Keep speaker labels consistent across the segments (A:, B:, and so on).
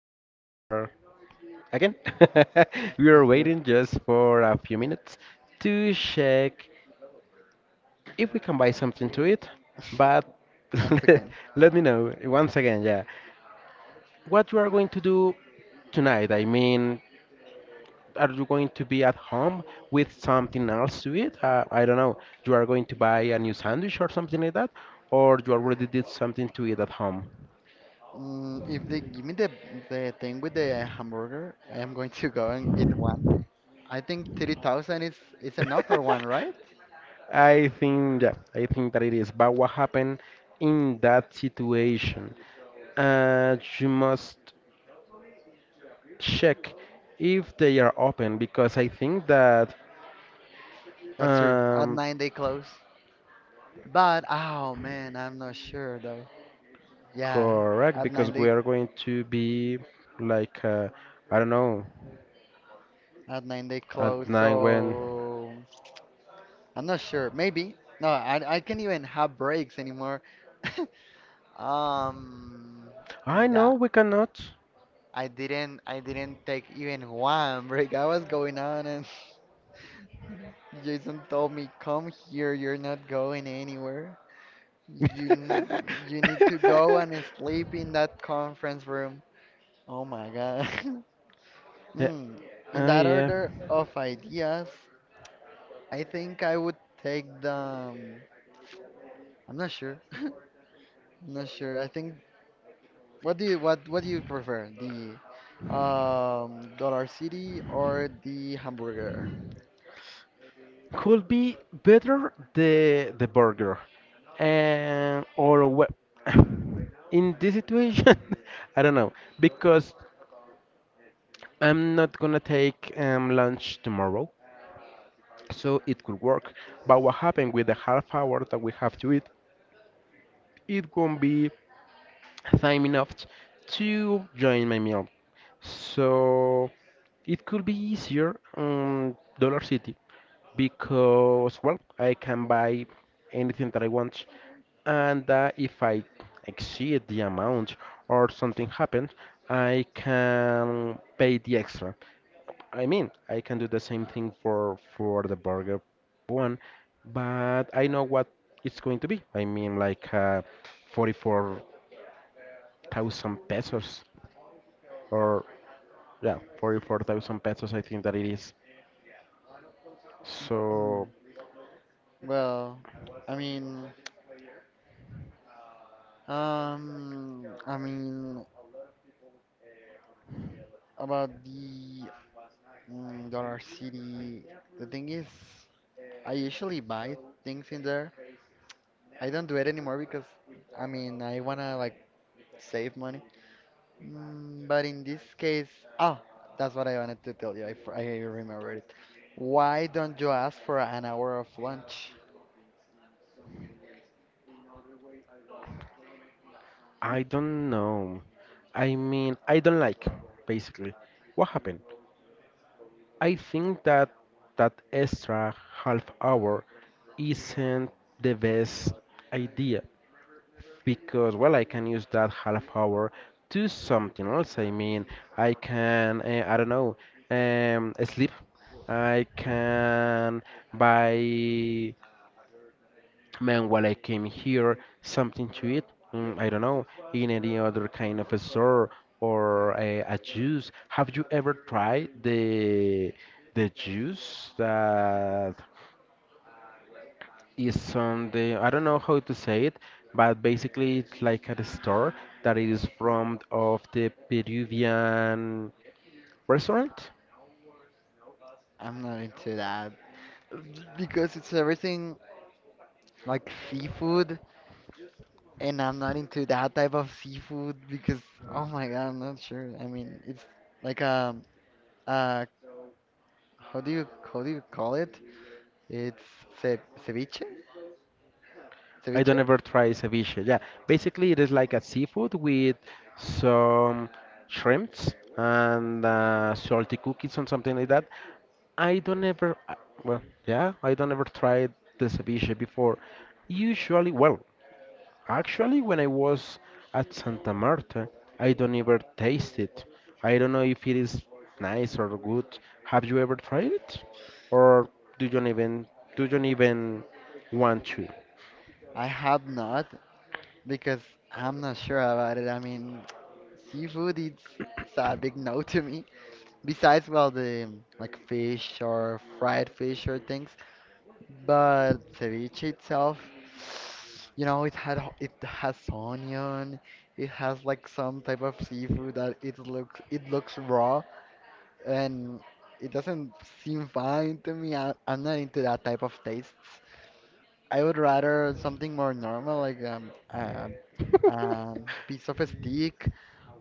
A: we are again. We are
B: Here,
A: waiting just for a few minutes to check if we can buy something to eat. But
B: once again.
A: let me know once again, yeah, what you are going to do tonight. I mean, are you going to be at home with something else to eat? I don't know. You are going to buy a new sandwich or something like that, or you already did something to eat at home.
B: If they give me the thing with the hamburger, I am going to go and eat one. I think 30,000 is enough for one, right?
A: I think, yeah, I think that it is. But what happened in that situation? You must check if they are open because I think that
B: That's true. At
A: um
B: nine they close. But oh man, I'm not sure though. Yeah,
A: correct
B: at nine
A: because we
B: they
A: are going to be like I don't know
B: close,
A: at night when
B: so I'm not sure. Maybe no, I can't even have breaks anymore. Um,
A: I
B: in
A: know
B: that.
A: we cannot.
B: I didn't take even one break. I was going on and Jason told me, "Come here, you're not going anywhere. You n- you need to go and sleep in that conference room." Oh my God.
A: Yeah,
B: Hmm. In
A: ah,
B: that
A: yeah.
B: order of ideas, I think I would take the um, I'm not sure. I'm not sure. I think what do you prefer? The Dollar City or the hamburger?
A: Could be better the burger and or what in this situation I don't know because I'm not gonna take lunch tomorrow, so it could work. But what happened with the half hour that we have to eat? It won't be time enough to join my meal, so it could be easier on dollar city, because well, I can buy anything that I want, and if I exceed the amount or something happens, I can pay the extra. I mean, I can do the same thing for the burger one, but I know what it's going to be. I mean 44,000 pesos, or yeah, 44,000 pesos, I think that it is.
B: Hmm.
A: So
B: Well, I mean, I mean about the Dollar City. The thing is, I usually buy things in there. I don't do it anymore because, I mean, I wanna like save money. Mm, but in this case, oh, that's what I wanted to tell you. I remembered it. Why don't you ask for an hour of lunch?
A: I don't know. I mean, I don't like, basically. What happened? I think that that extra half hour isn't the best idea because, well, I can use that half hour to something else. I mean, I can, I don't know, sleep. I can buy, Man, while I came here, something to eat. Mm, I don't know, in any other kind of a store or a juice. Have you ever tried the juice that is on the? I don't know how to say it, but basically it's like at a store that is from of the Peruvian restaurant.
B: I'm not into that because it's everything like seafood. And I'm not into that type of seafood because, oh my God, I'm not sure. I mean, it's like uh how do you call it? It's ce ceviche?
A: I
B: Ceviche?
A: don't ever try ceviche. Yeah, basically it is like a seafood with some shrimps and salty cookies and something like that. I don't ever, I- Well, yeah, I don't ever tried the ceviche before. Usually, well, actually, when I was at Santa Marta, I don't ever taste it. I don't know if it is nice or good. Have you ever tried it, or do you even do you even want to?
B: I have not because I'm not sure about it. I mean, seafood it's, it's a big no to me. Besides, well, the like fish or fried fish or things. But ceviche itself, you know, it has onion, it has like some type of seafood that it looks raw and it doesn't seem fine to me. I'm not into that type of tastes. I would rather something more normal, like piece of a steak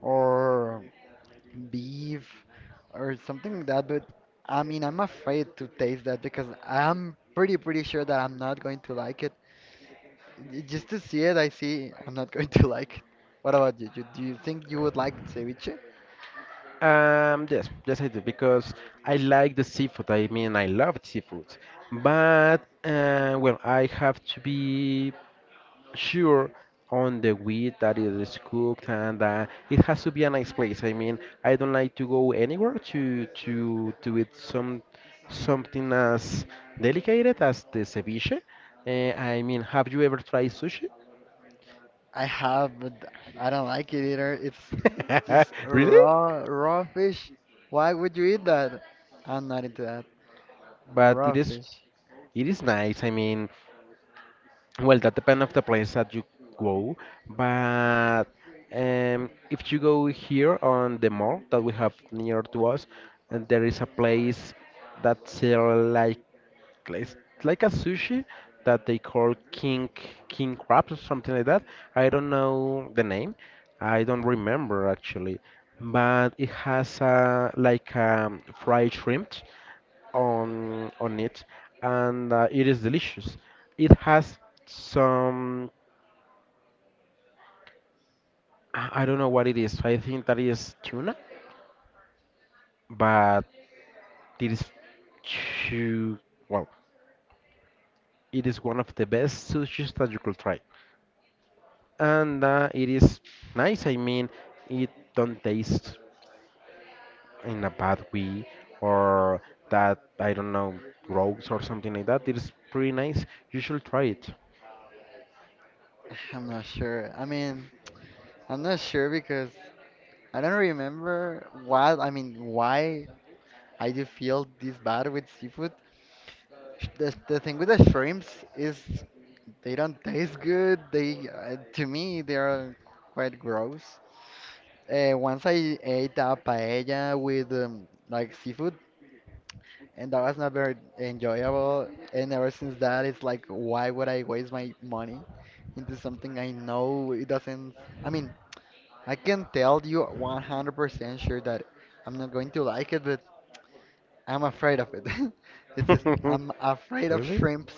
B: or beef or something like that, but I mean, I'm afraid to taste that because I'm pretty, pretty sure that I'm not going to like it. Just to see it, I'm not going to like it. What about you? Do you think you would like ceviche?
A: Yes, yes, I do because I like the seafood. I mean, I love seafood, but well, I have to be sure on the way that it is cooked, and it has to be a nice place. I mean, I don't like to go anywhere to eat some something as delicate as the ceviche. I mean, have you ever tried sushi?
B: I have, but I don't like it either. It's just
A: Really?
B: raw, raw fish. Why would you eat that? I'm not into that.
A: But it
B: Raw
A: is,
B: fish.
A: it is nice. I mean, well, that depends of the place that you go, but if you go here on the mall that we have near to us, and there is a place that sell like it's like a sushi that they call king crab or something like that. I don't know the name. I don't remember actually, but it has a like fried shrimp on it, and it is delicious. It has some, I don't know what it is. I think that is tuna, but it is too well. It is one of the best sushis that you could try. And it is nice. I mean, it don't taste in a bad way or that I don't know gross or something like that. It is pretty nice. You should try it.
B: I'm not sure. I mean, I'm not sure because I don't remember what, I mean, why I do feel this bad with seafood. The thing with the shrimps is they don't taste good. They, to me, they are quite gross. Once I ate a paella with like seafood, and that was not very enjoyable. And ever since that, it's like, why would I waste my money into something I know it doesn't? I mean, I can tell you 100% sure that I'm not going to like it, but I'm afraid of it. It's just I'm afraid of
A: Really?
B: shrimps.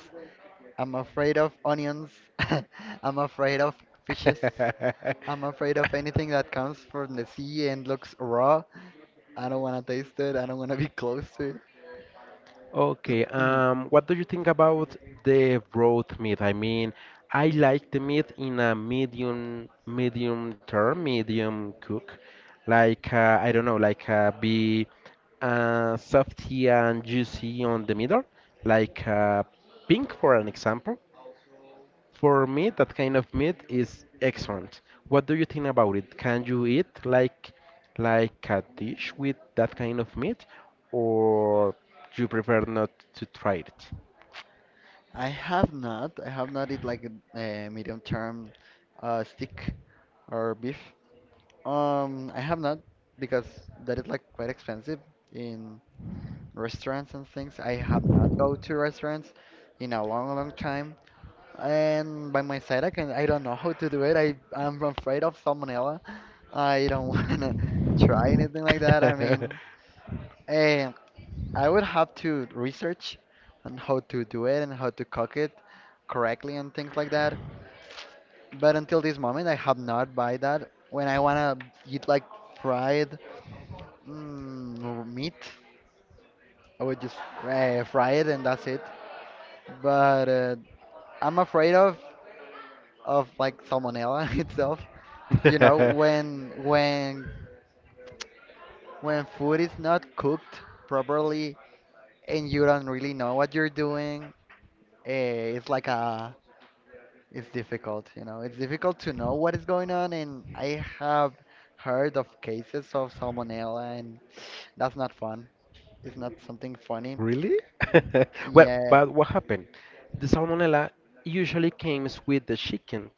B: I'm afraid of onions. I'm afraid of fishes. I'm afraid of anything that comes from the sea and looks raw. I don't want to taste it. I don't want to be close to it.
A: Okay,
B: Mm.
A: what do you think about the broth meat? I mean, I like the meat in a medium, medium term, medium cook. Like, I don't know, be softy and juicy on the middle, like uh, pink for an example. For me, that kind of meat is excellent. What do you think about it? Can you eat like a dish with that kind of meat, or you prefer not to try
B: I have not. I have not eat like a medium term steak or beef. I have not because that is like quite expensive in restaurants and things. I have not go to restaurants in a long, long time. And by my side, I can I don't know how to do it. I'm afraid of salmonella. I don't wanna try anything like that. I
A: it?
B: mean, eh, I would have to research on how to do it and how to cook it correctly and things like that. But until this moment, I have not buy that. When I wanna eat like fried. Mm, or meat. I would just fry it and that's it. But I'm afraid of like salmonella itself. You know, when food is not cooked properly and you don't really know what you're doing, it's like a it's difficult. You know, it's difficult to know what is going on. And I have heard of cases of salmonella, and that's not fun. It's not something funny.
A: Really? Well,
B: Yeah,
A: but what happened? The salmonella usually comes with the chicken,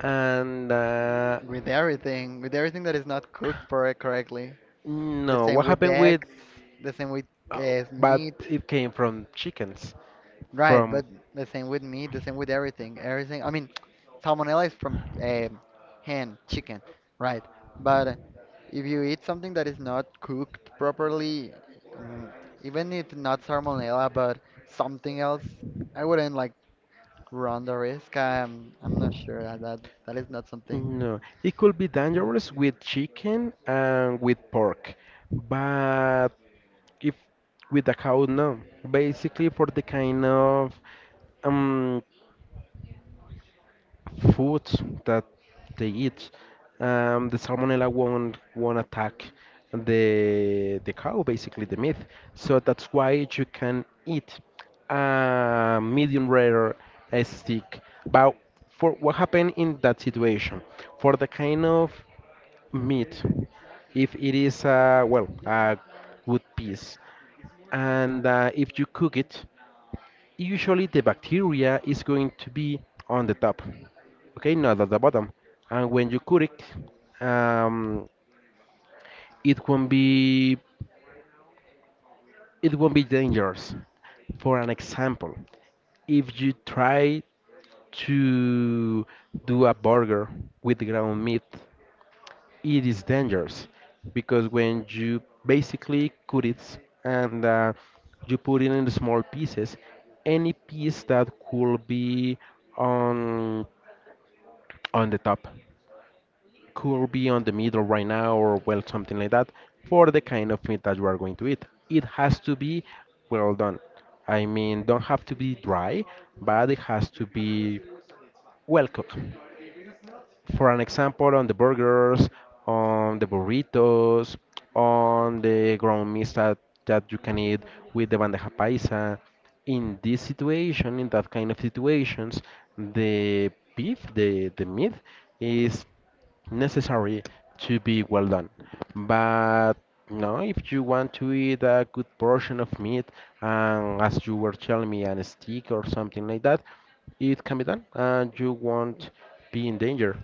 A: and
B: with everything that is not cooked correctly The
A: no,
B: same
A: what
B: with
A: happened with?
B: eggs, the same with
A: Uh, but
B: meat,
A: it came from chickens,
B: right?
A: from.
B: But the same with meat, the same with everything, everything. I mean, salmonella is from hen, chicken, right? But if you eat something that is not cooked properly, mm, even if not salmonella, but something else, I wouldn't like run the risk. I'm not sure that that, that is not something.
A: No, it could be
B: Mm.
A: dangerous with chicken and with pork, but if with a cow, no. Basically, for the kind of um foods that they eat. The salmonella won't attack the cow, basically the meat. So that's why you can eat a medium rare steak. But for what happened in that situation, for the kind of meat, if it is a well a good piece, and if you cook it, usually the bacteria is going to be on the top, okay, not at the bottom. And when you cook it, it won't be, it won't be dangerous. For an example, if you try to do a burger with ground meat, it is dangerous because when you basically cut it and you put it in small pieces, any piece that could be on on the top could be on the middle right now or well something like that for the kind of meat that you are going to eat. It has to be well done. I mean, don't have to be dry, but it has to be well cooked for an example, on the burgers, on the burritos, on the ground meats that, that you can eat with the bandeja paisa. In this situation, in that kind of situations, the beef, the meat is necessary to be well done. But no, if you want to eat a good portion of meat, and as you were telling me, and a steak or something like that, it can be done, and you won't be in danger.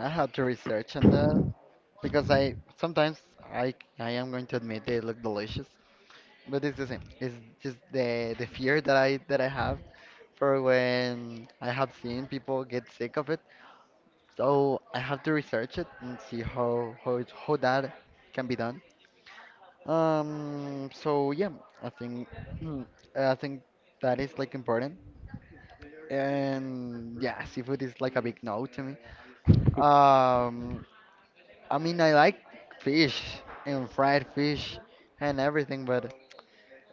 B: I had to research on that, because I sometimes I am going to admit they look delicious, but it's the same. It's just the fear that I have for when I have seen people get sick of it. So I have to research it and see how that can be done. So yeah, I think I think that is like important. And yeah, seafood is like a big no to me. Um. I mean, I like fish and fried fish and everything, but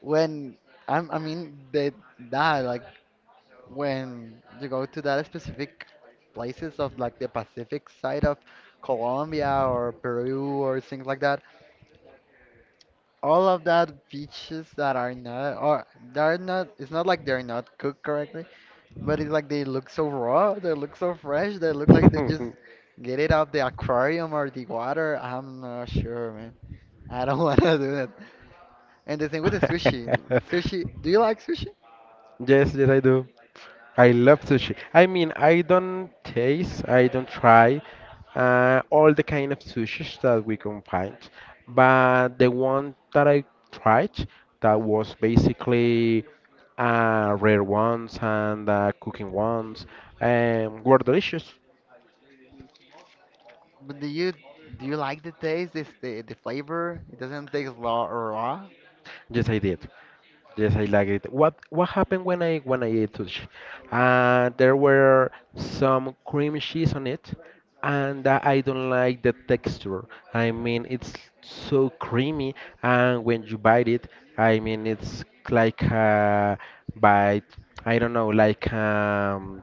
B: when I mean, they that like when you go to that specific places of like the Pacific side of Colombia or Peru or things like that, all of that beaches that are not or they're not. It's not like they're not cooked correctly, but it's like they look so raw. They look so fresh. They look like they just get it out the aquarium or the water. I'm not sure, I don't want to do that. And the thing with sushi. Do you like sushi?
A: Yes, yes, I do. I love sushi. I mean, I don't taste, I don't try all the kind of sushis that we can find, but the one that I tried that was basically rare ones and cooking ones were delicious.
B: But do you like the taste? Is the flavor? It doesn't taste raw or raw.
A: Yes, I did. Yes, I liked it. What happened when I ate sushi? There were some cream cheese on it, and I don't like the texture. I mean, it's so creamy, and when you bite it, I mean, it's like a bite. I don't know,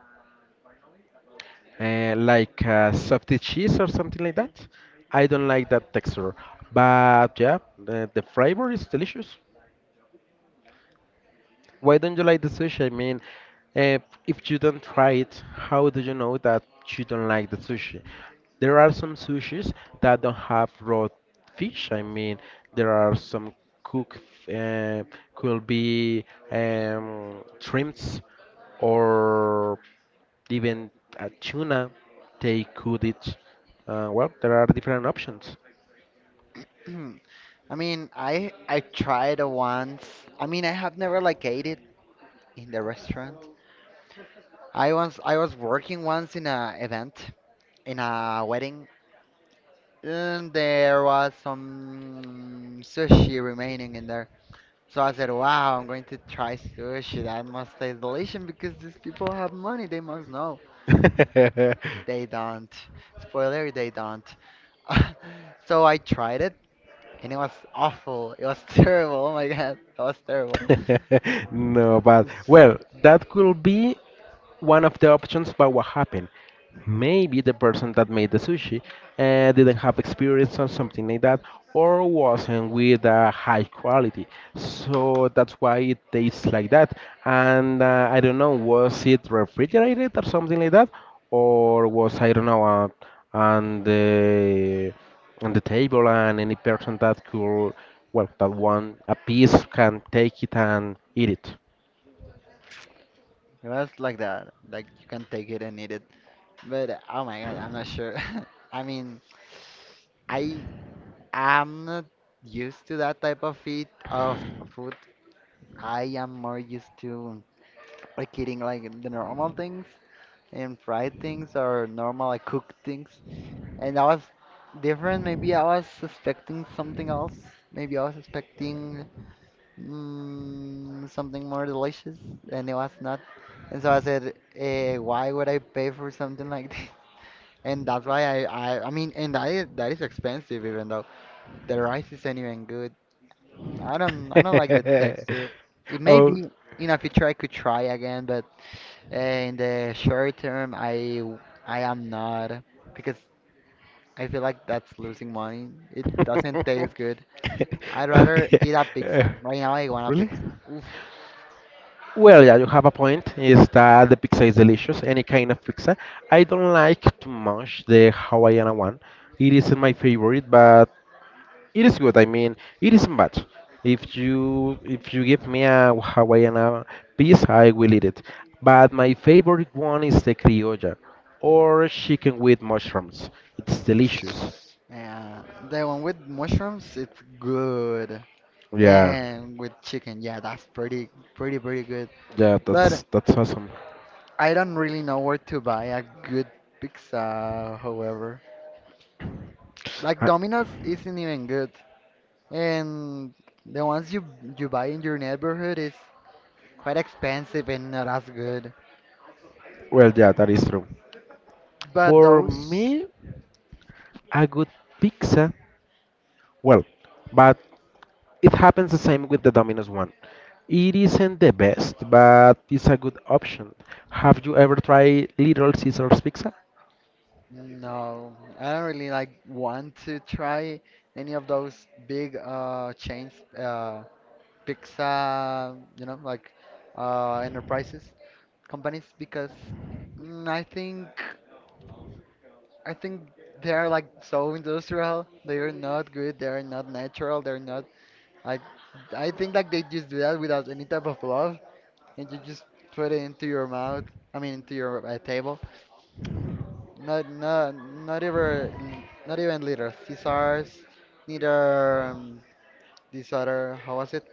A: soft cheese or something like that. I don't like that texture, but yeah, the flavor is delicious. Why don't you like the sushi? I mean, eh, if you don't try it, how do you know that you don't like the sushi? There are some sushis that don't have raw fish. I mean, there are some cook uh, could be shrimps or even a tuna. They could eat. Well, there are different options.
B: I mean, I tried it once. I mean, I have never like ate it in the restaurant. I was working once in a event in a wedding, and there was some sushi remaining in there. So I said, wow, I'm going to try sushi. That must taste delicious because these people have money. They must know. They don't. Spoiler, they don't. So I tried it and it was awful. It was terrible. Oh my god, it was terrible.
A: No, but
B: It's-
A: well, that could be one of the options. But what happened, maybe the person that made the sushi didn't have experience or something like that, or wasn't with a high quality, so that's why it tastes like that, and I don't know, was it refrigerated or something like that, or was I don't know on the on the table and any person that could, well that one a piece can take it and eat
B: It was like that. Like you can take it and eat it. But oh my god, I'm not sure. I mean, I am not used to that type of eat of food. I am more used to like eating like the normal things, and fried things or normal like cooked things. And I was different. Maybe I was expecting something else. Maybe I was expecting something more delicious, and it was not. And so I said, "Why would I pay for something like this?" And that's why I mean, and that is expensive. Even though the rice isn't even good, I don't like the
A: it.
B: texture. It may
A: Oh,
B: be in a future I could try again, but in the short term, I am not because I feel like that's losing money. It doesn't taste good. I'd rather
A: okay.
B: eat a
A: Uh,
B: pizza. Right now, I want a
A: Really?
B: pizza. Oof.
A: Well, yeah, you have a point. Is that the pizza is delicious? Any kind of pizza. I don't like too much the Hawaiian one. It isn't my favorite, but it is good. I mean, it isn't bad. If you give me a Hawaiian piece, I will eat it. But my favorite one is the criolla, or chicken with mushrooms. It's delicious.
B: Yeah, the one with mushrooms, it's good.
A: Yeah,
B: And with chicken, yeah, that's pretty, pretty, pretty good.
A: yeah,
B: But
A: that's awesome.
B: I don't really know where to buy a good pizza, however. Like
A: Uh,
B: Domino's isn't even good. And the ones you buy in your neighborhood is quite expensive and not as good.
A: well, yeah, that is true.
B: But
A: For
B: those,
A: me, a good pizza, well, but it happens the same with the Domino's one. It isn't the best, but it's a good option. Have you ever tried Little Caesar's pizza?
B: no, I don't really like want to try any of those big chains, uh pizza, you know, like enterprises, companies because mm, I think I think they are like so industrial. They are not good. They are not natural. They're not like I think like they just do that without any type of love, and you just put it into your mouth. I mean, into your table. Not not not even Little Caesars, neither this other how was it?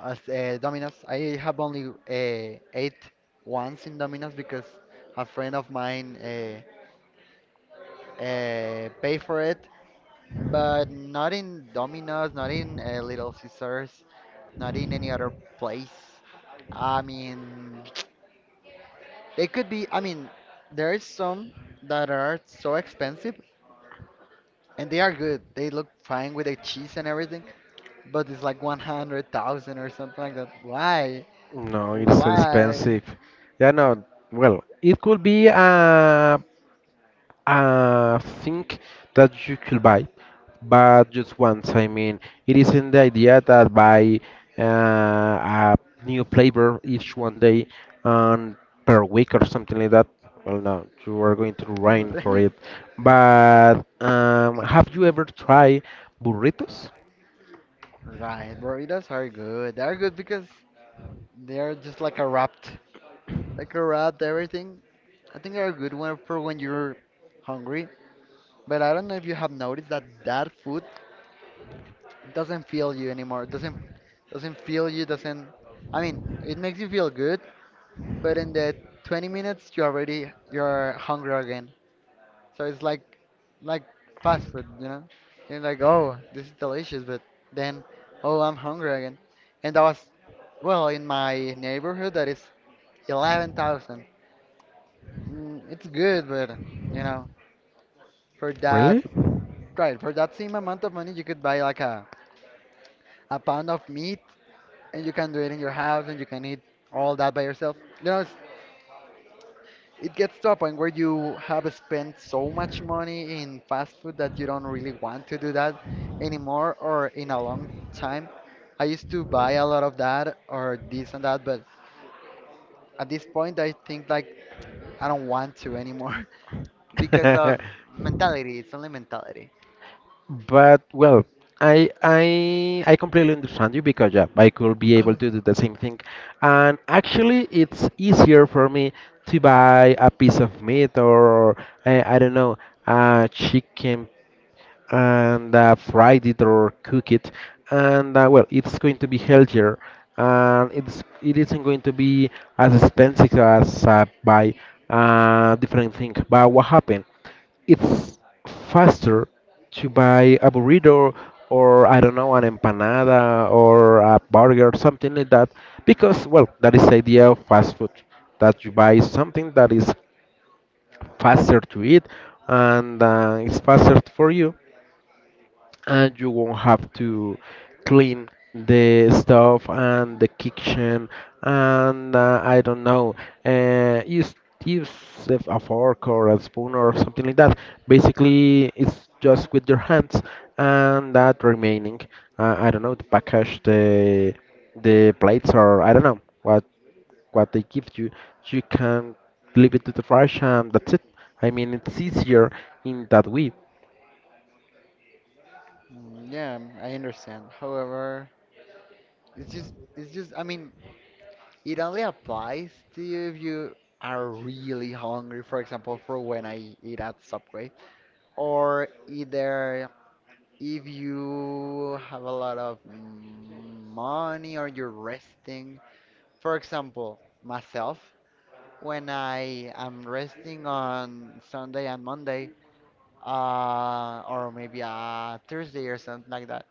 B: As Domino's, I have only ate once in Domino's because a friend of mine paid for it, but not in Domino's, not in Little Caesars, not in any other place. I mean, they could be. I mean, there's some that are so expensive and they are good. They look fine with the cheese and everything, but it's like 100,000 or something like that. Why?
A: No, it's so
B: Why?
A: expensive. Yeah, no, well, it could be a thing that you could buy, but just once. I mean, it isn't the idea that buy a new flavor each one day and per week or something like that. Well, no, you are going to rain for it. But have you ever tried burritos?
B: Right, burritos are good. They are good because they are just like like a wrapped everything. I think they're a good one for when you're hungry. But I don't know if you have noticed that that food doesn't fill you anymore. Doesn't fill you. Doesn't. I mean, it makes you feel good, but in the 20 minutes you're hungry again. So it's like fast food, you know? And like, oh, this is delicious, but then, oh, I'm hungry again. And that was, well, in my neighborhood, that is 11,000. Mm. It's good, but, you know, for that,
A: Really?
B: right, for that same amount of money, you could buy like a pound of meat and you can do it in your house and you can eat all that by yourself. It gets to a point where you have spent so much money in fast food that you don't really want to do that anymore or in a long time. I used to buy a lot of that or this and that, but at this point, I think like I don't want to anymore because of mentality. It's only mentality.
A: But well, I completely understand you because yeah, I could be able to do the same thing. And actually, it's easier for me to buy a piece of meat or I don't know, a chicken and fried it or cook it, and well, it's going to be healthier, and it isn't going to be as expensive as buy different thing. But what happened, it's faster to buy a burrito or I don't know, an empanada or a burger or something like that, because well, that is the idea of fast food, that you buy something that is faster to eat, and it's faster for you, and you won't have to clean the stuff and the kitchen. And I don't know, uh, use use a fork or a spoon or something like that. Basically, it's just with your hands, and that remaining, I don't know, the package, the plates or I don't know what they give you, you can leave it to the trash and that's it. I mean, it's easier in that way.
B: Mm, yeah, I understand. However, it's just, I mean, it only applies to you if you are really hungry, for example, for when I eat at Subway, or either if you have a lot of money or you're resting. For example, myself, when I am resting on Sunday and Monday, or maybe a Thursday or something like that,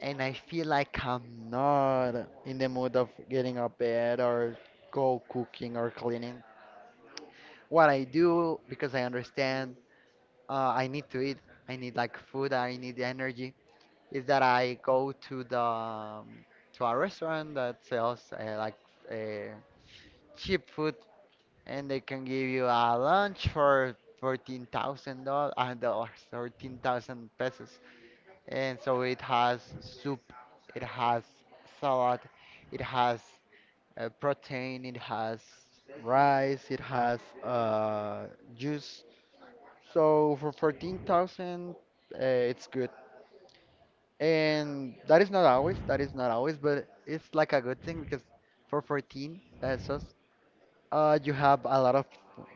B: and I feel like I'm not in the mood of getting up bed or go cooking or cleaning. What I do, because I understand, I need to eat. I need like food. I need energy is that I go to a restaurant that sells like uh, cheap food, and they can give you a lunch for $14,000, 14,000 pesos. And so it has soup, it has salad, it has protein, it has rice, it has juice. So for 14,000, it's good. And that is not always, that is not always, but it's like a good thing because for 14 pesos, you have a lot of,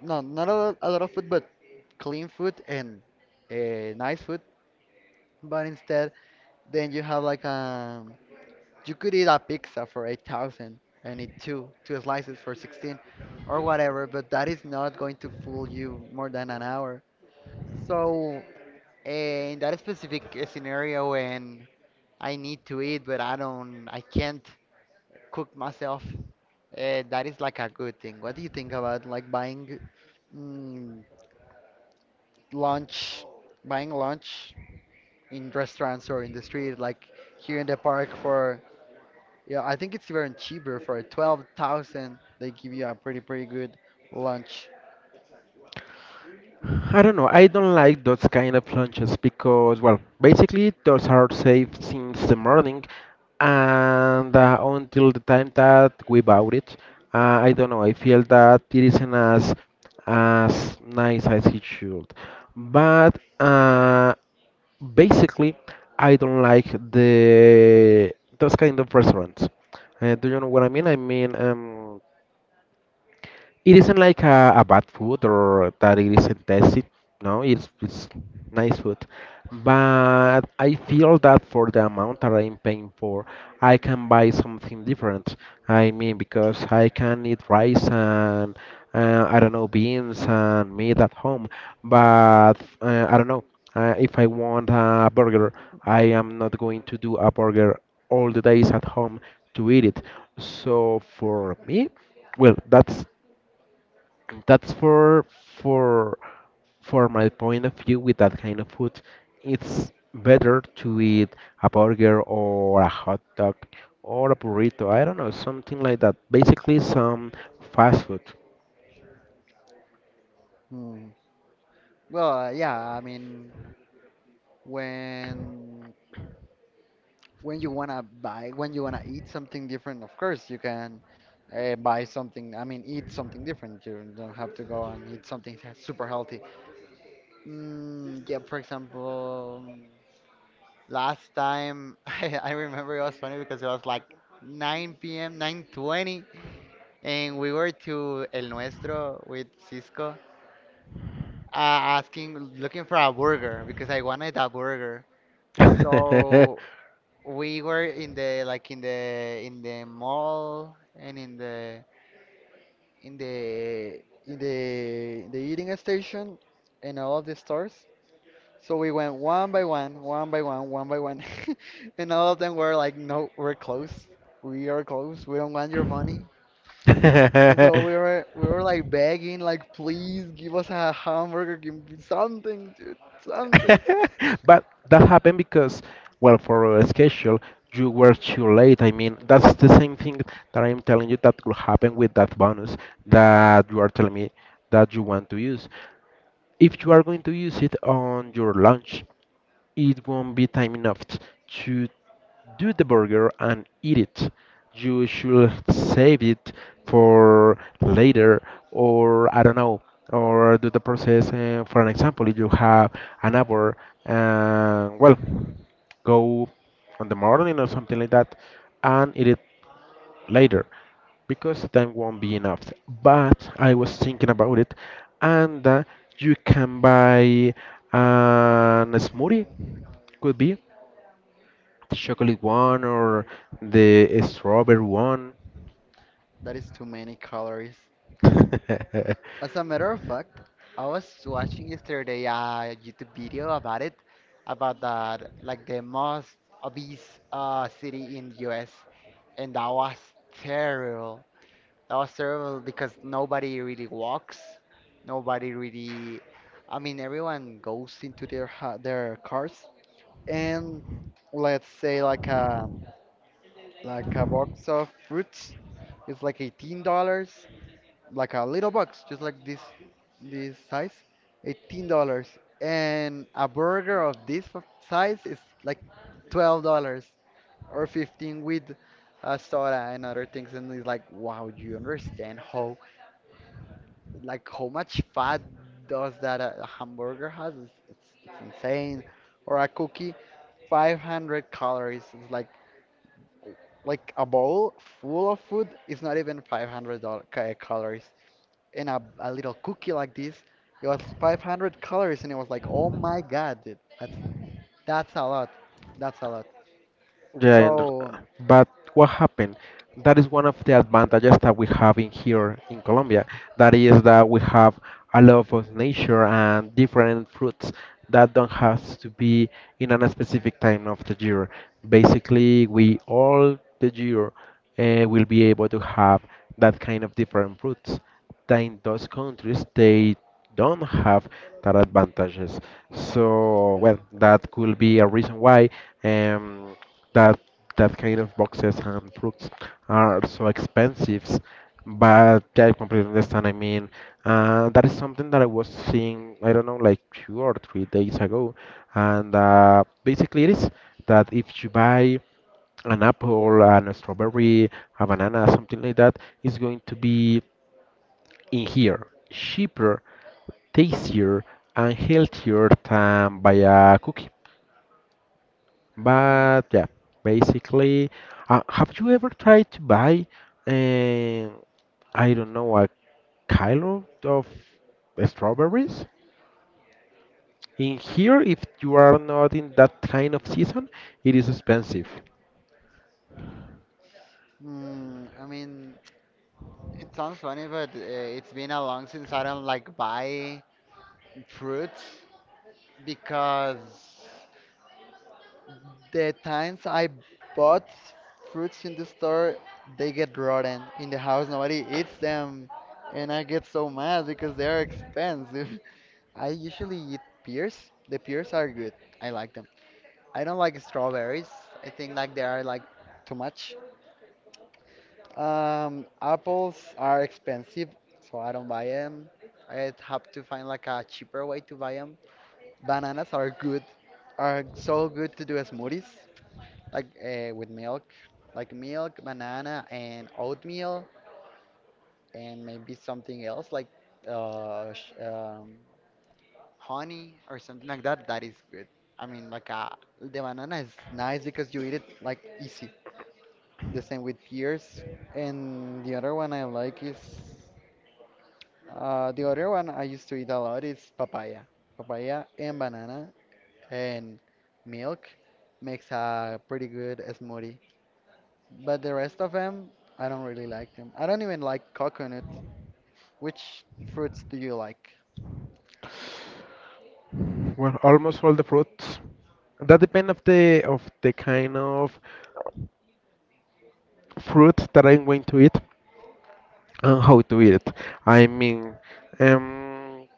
B: no, not a lot of food, but clean food and nice food. But instead, then you have like you could eat a pizza for 8,000 and eat two slices for 16 or whatever, but that is not going to fool you more than an hour. So, in that specific scenario, when I need to eat, but I can't cook myself. That is like a good thing. What do you think about like mm, lunch, buying lunch in restaurants or in the street, like here in the park yeah, I think it's even cheaper for 12,000. They give you a pretty, pretty good lunch.
A: I don't know. I don't like those kind of lunches because, well, basically those are saved since the morning, and until the time that we bought it, I don't know. I feel that it isn't as nice as it should. But basically, I don't like the those kind of restaurants. Do you know what I mean? I mean, it isn't like a bad food or that it isn't tasty. No, it's nice food. But I feel that for the amount that I'm paying for, I can buy something different. I mean, because I can eat rice and I don't know, beans and meat at home. But I don't know, if I want a burger, I am not going to do a burger all the days at home to eat it. So for me, well, that's for for for my point of view with that kind of food. It's better to eat a burger or a hot dog or a burrito. I don't know, something like that. Basically, some fast food.
B: Hmm. Well, yeah, I mean, when when you wanna eat something different, of course you can buy something. I mean, eat something different. You don't have to go and eat something super healthy. Mm, yeah, for example, last time I remember it was funny because it was like 9 p.m., 9:20, and we were to El Nuestro with Cisco, looking for a burger because I wanted a burger. So we were in the mall and in the eating station and all of the stores. So we went one by one, one by one, one by one, and all of them were like, "No, we're closed. We are closed. We don't want your money." And so we were we were like begging, like, "Please give us a hamburger, give me something, dude, something."
A: But that happened because, well, for a schedule, you were too late. I mean, that's the same thing that I'm telling you that could happen with that bonus that you are telling me that you want to use. If you are going to use it on your lunch, it won't be time enough to do the burger and eat it. You should save it for later, or I don't know, or do the process. For an example, if you have an hour, well, go on the morning or something like that, and eat it later, because time won't be enough. But I was thinking about it, and you can buy an smoothie, could be the chocolate one or the strawberry one.
B: That is too many calories. As a matter of fact, I was watching yesterday a YouTube video about that like the most obese city in the US, and that was terrible. That was terrible because nobody really walks, nobody really. I mean, everyone goes into their cars, and let's say like a box of fruits is like $18, like a little box, just like this size, $18. And a burger of this size is like $12 or 15 with soda and other things. And it's like, wow, do you understand how much fat does that a hamburger has? It's insane. Or a cookie, 500 calories. It's like a bowl full of food is not even 500 dollars calories in a little cookie like this. It was 500 calories, and it was like, oh my God, dude, that's a lot. That's a lot.
A: Yeah, and,
B: So,
A: but what happened? That is one of the advantages that we have in here in Colombia. That is that we have a lot of nature and different fruits that don't have to be in a specific time of the year. Basically, we all the year will be able to have that kind of different fruits. That in those countries, they don't have that advantages. So, well, that could be a reason why. Um, that that kind of boxes and fruits are so expensive. But yeah, I completely understand. I mean, that is something that I was seeing, I don't know, like 2 or 3 days ago. And basically, it is that if you buy an apple, an strawberry, a banana, something like that, it's going to be in here cheaper, tastier, and healthier than by a cookie. But yeah, basically, have you ever tried to buy, uh, I don't know, a kilo of strawberries? In here, if you are not in that kind of season, it is expensive.
B: I mean, it sounds funny, but it's been a long since I don't like buy fruits because the times I bought fruits in the store, they get rotten in the house. Nobody eats them, and I get so mad because they are expensive. I usually eat pears. The pears are good. I like them. I don't like strawberries. I think like they are like too much. Apples are expensive, so I don't buy them. I have to find like a cheaper way to buy them. Bananas are good, are so good to do as smoothies, like with milk, like milk, banana, and oatmeal, and maybe something else like uh, sh- um, honey or something like that, that is good. I mean, like the banana is nice because you eat it like easy. The same with pears. And the other one I used to eat a lot is papaya. Papaya and banana and milk makes a pretty good smoothie. But the rest of them, I don't really like them. I don't even like coconut. Which fruits do you like?
A: Well, almost all the fruits. That depends of the kind of fruit that I'm going to eat and how to eat it. I mean, um,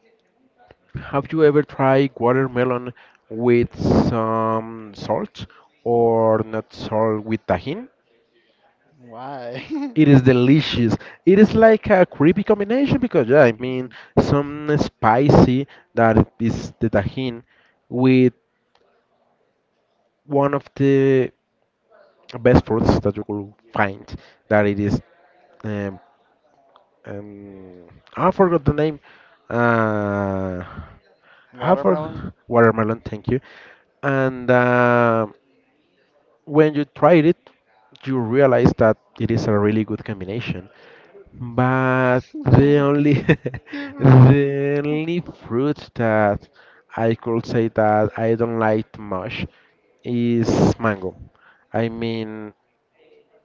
A: have you ever tried watermelon with some salt, or not salt, with tajin?
B: Why?
A: It is delicious. It is like a creepy combination because yeah, I mean some spicy, that is the tajin, with one of the best fruits that you could find. That it is um, um, I forgot the name. Uh, I
B: Watermelon?
A: forgot watermelon. Thank you. And when you tried it, you realize that it is a really good combination. But the only
B: Yeah, but,
A: the only fruit that I could say that I don't like too much is mango. I mean,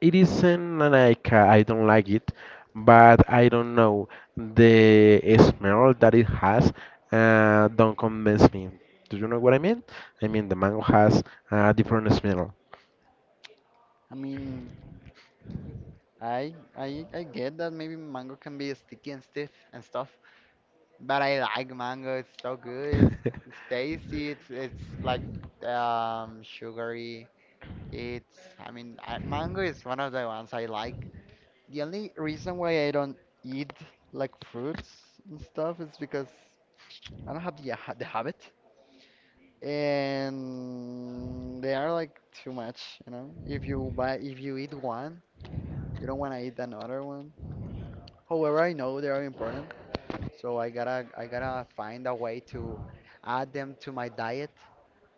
A: it isn't like I don't like it, but I don't know, the smell that it has don't convince me. Do you know what I mean? I mean, the mango has a different smell.
B: I mean, I get that maybe mango can be sticky and stiff and stuff, but I like mango. It's so good. It's tasty. It's like sugary. It's I mean, I, mango is one of the ones I like. The only reason why I don't eat like fruits and stuff is because I don't have the habit, and they are like too much. If you eat one. You don't want to eat another one. However, I know they are important, so I gotta find a way to add them to my diet.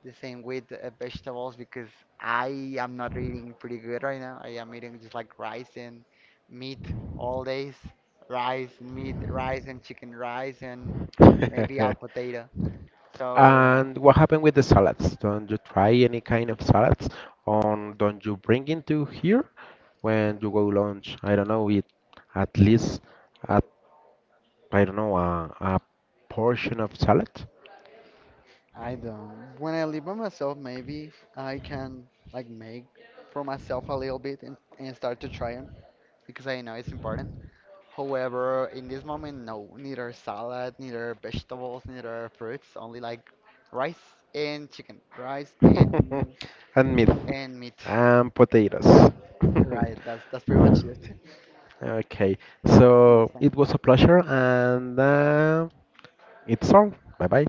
B: The same with vegetables because I am not eating pretty good right now. I am eating just like rice and meat all days. Rice, meat, rice and chicken, rice and maybe a potato. So uh,
A: And what happened with the salads? Don't you try any kind of salads? On don't you bring into here when you go lunch? I don't know, eat at least at I don't know, a portion of salad
B: I don't. When I live by myself, maybe I can like make for myself a little bit and start to try them because I know it's important. However, in this moment, no, neither salad, neither vegetables, neither fruits, only like rice and chicken, rice and
A: and meat
B: and meat.
A: and potatoes.
B: Right, that's pretty much it.
A: Okay,
B: I think
A: so
B: that's
A: it was a pleasure, and it's all. Bye bye.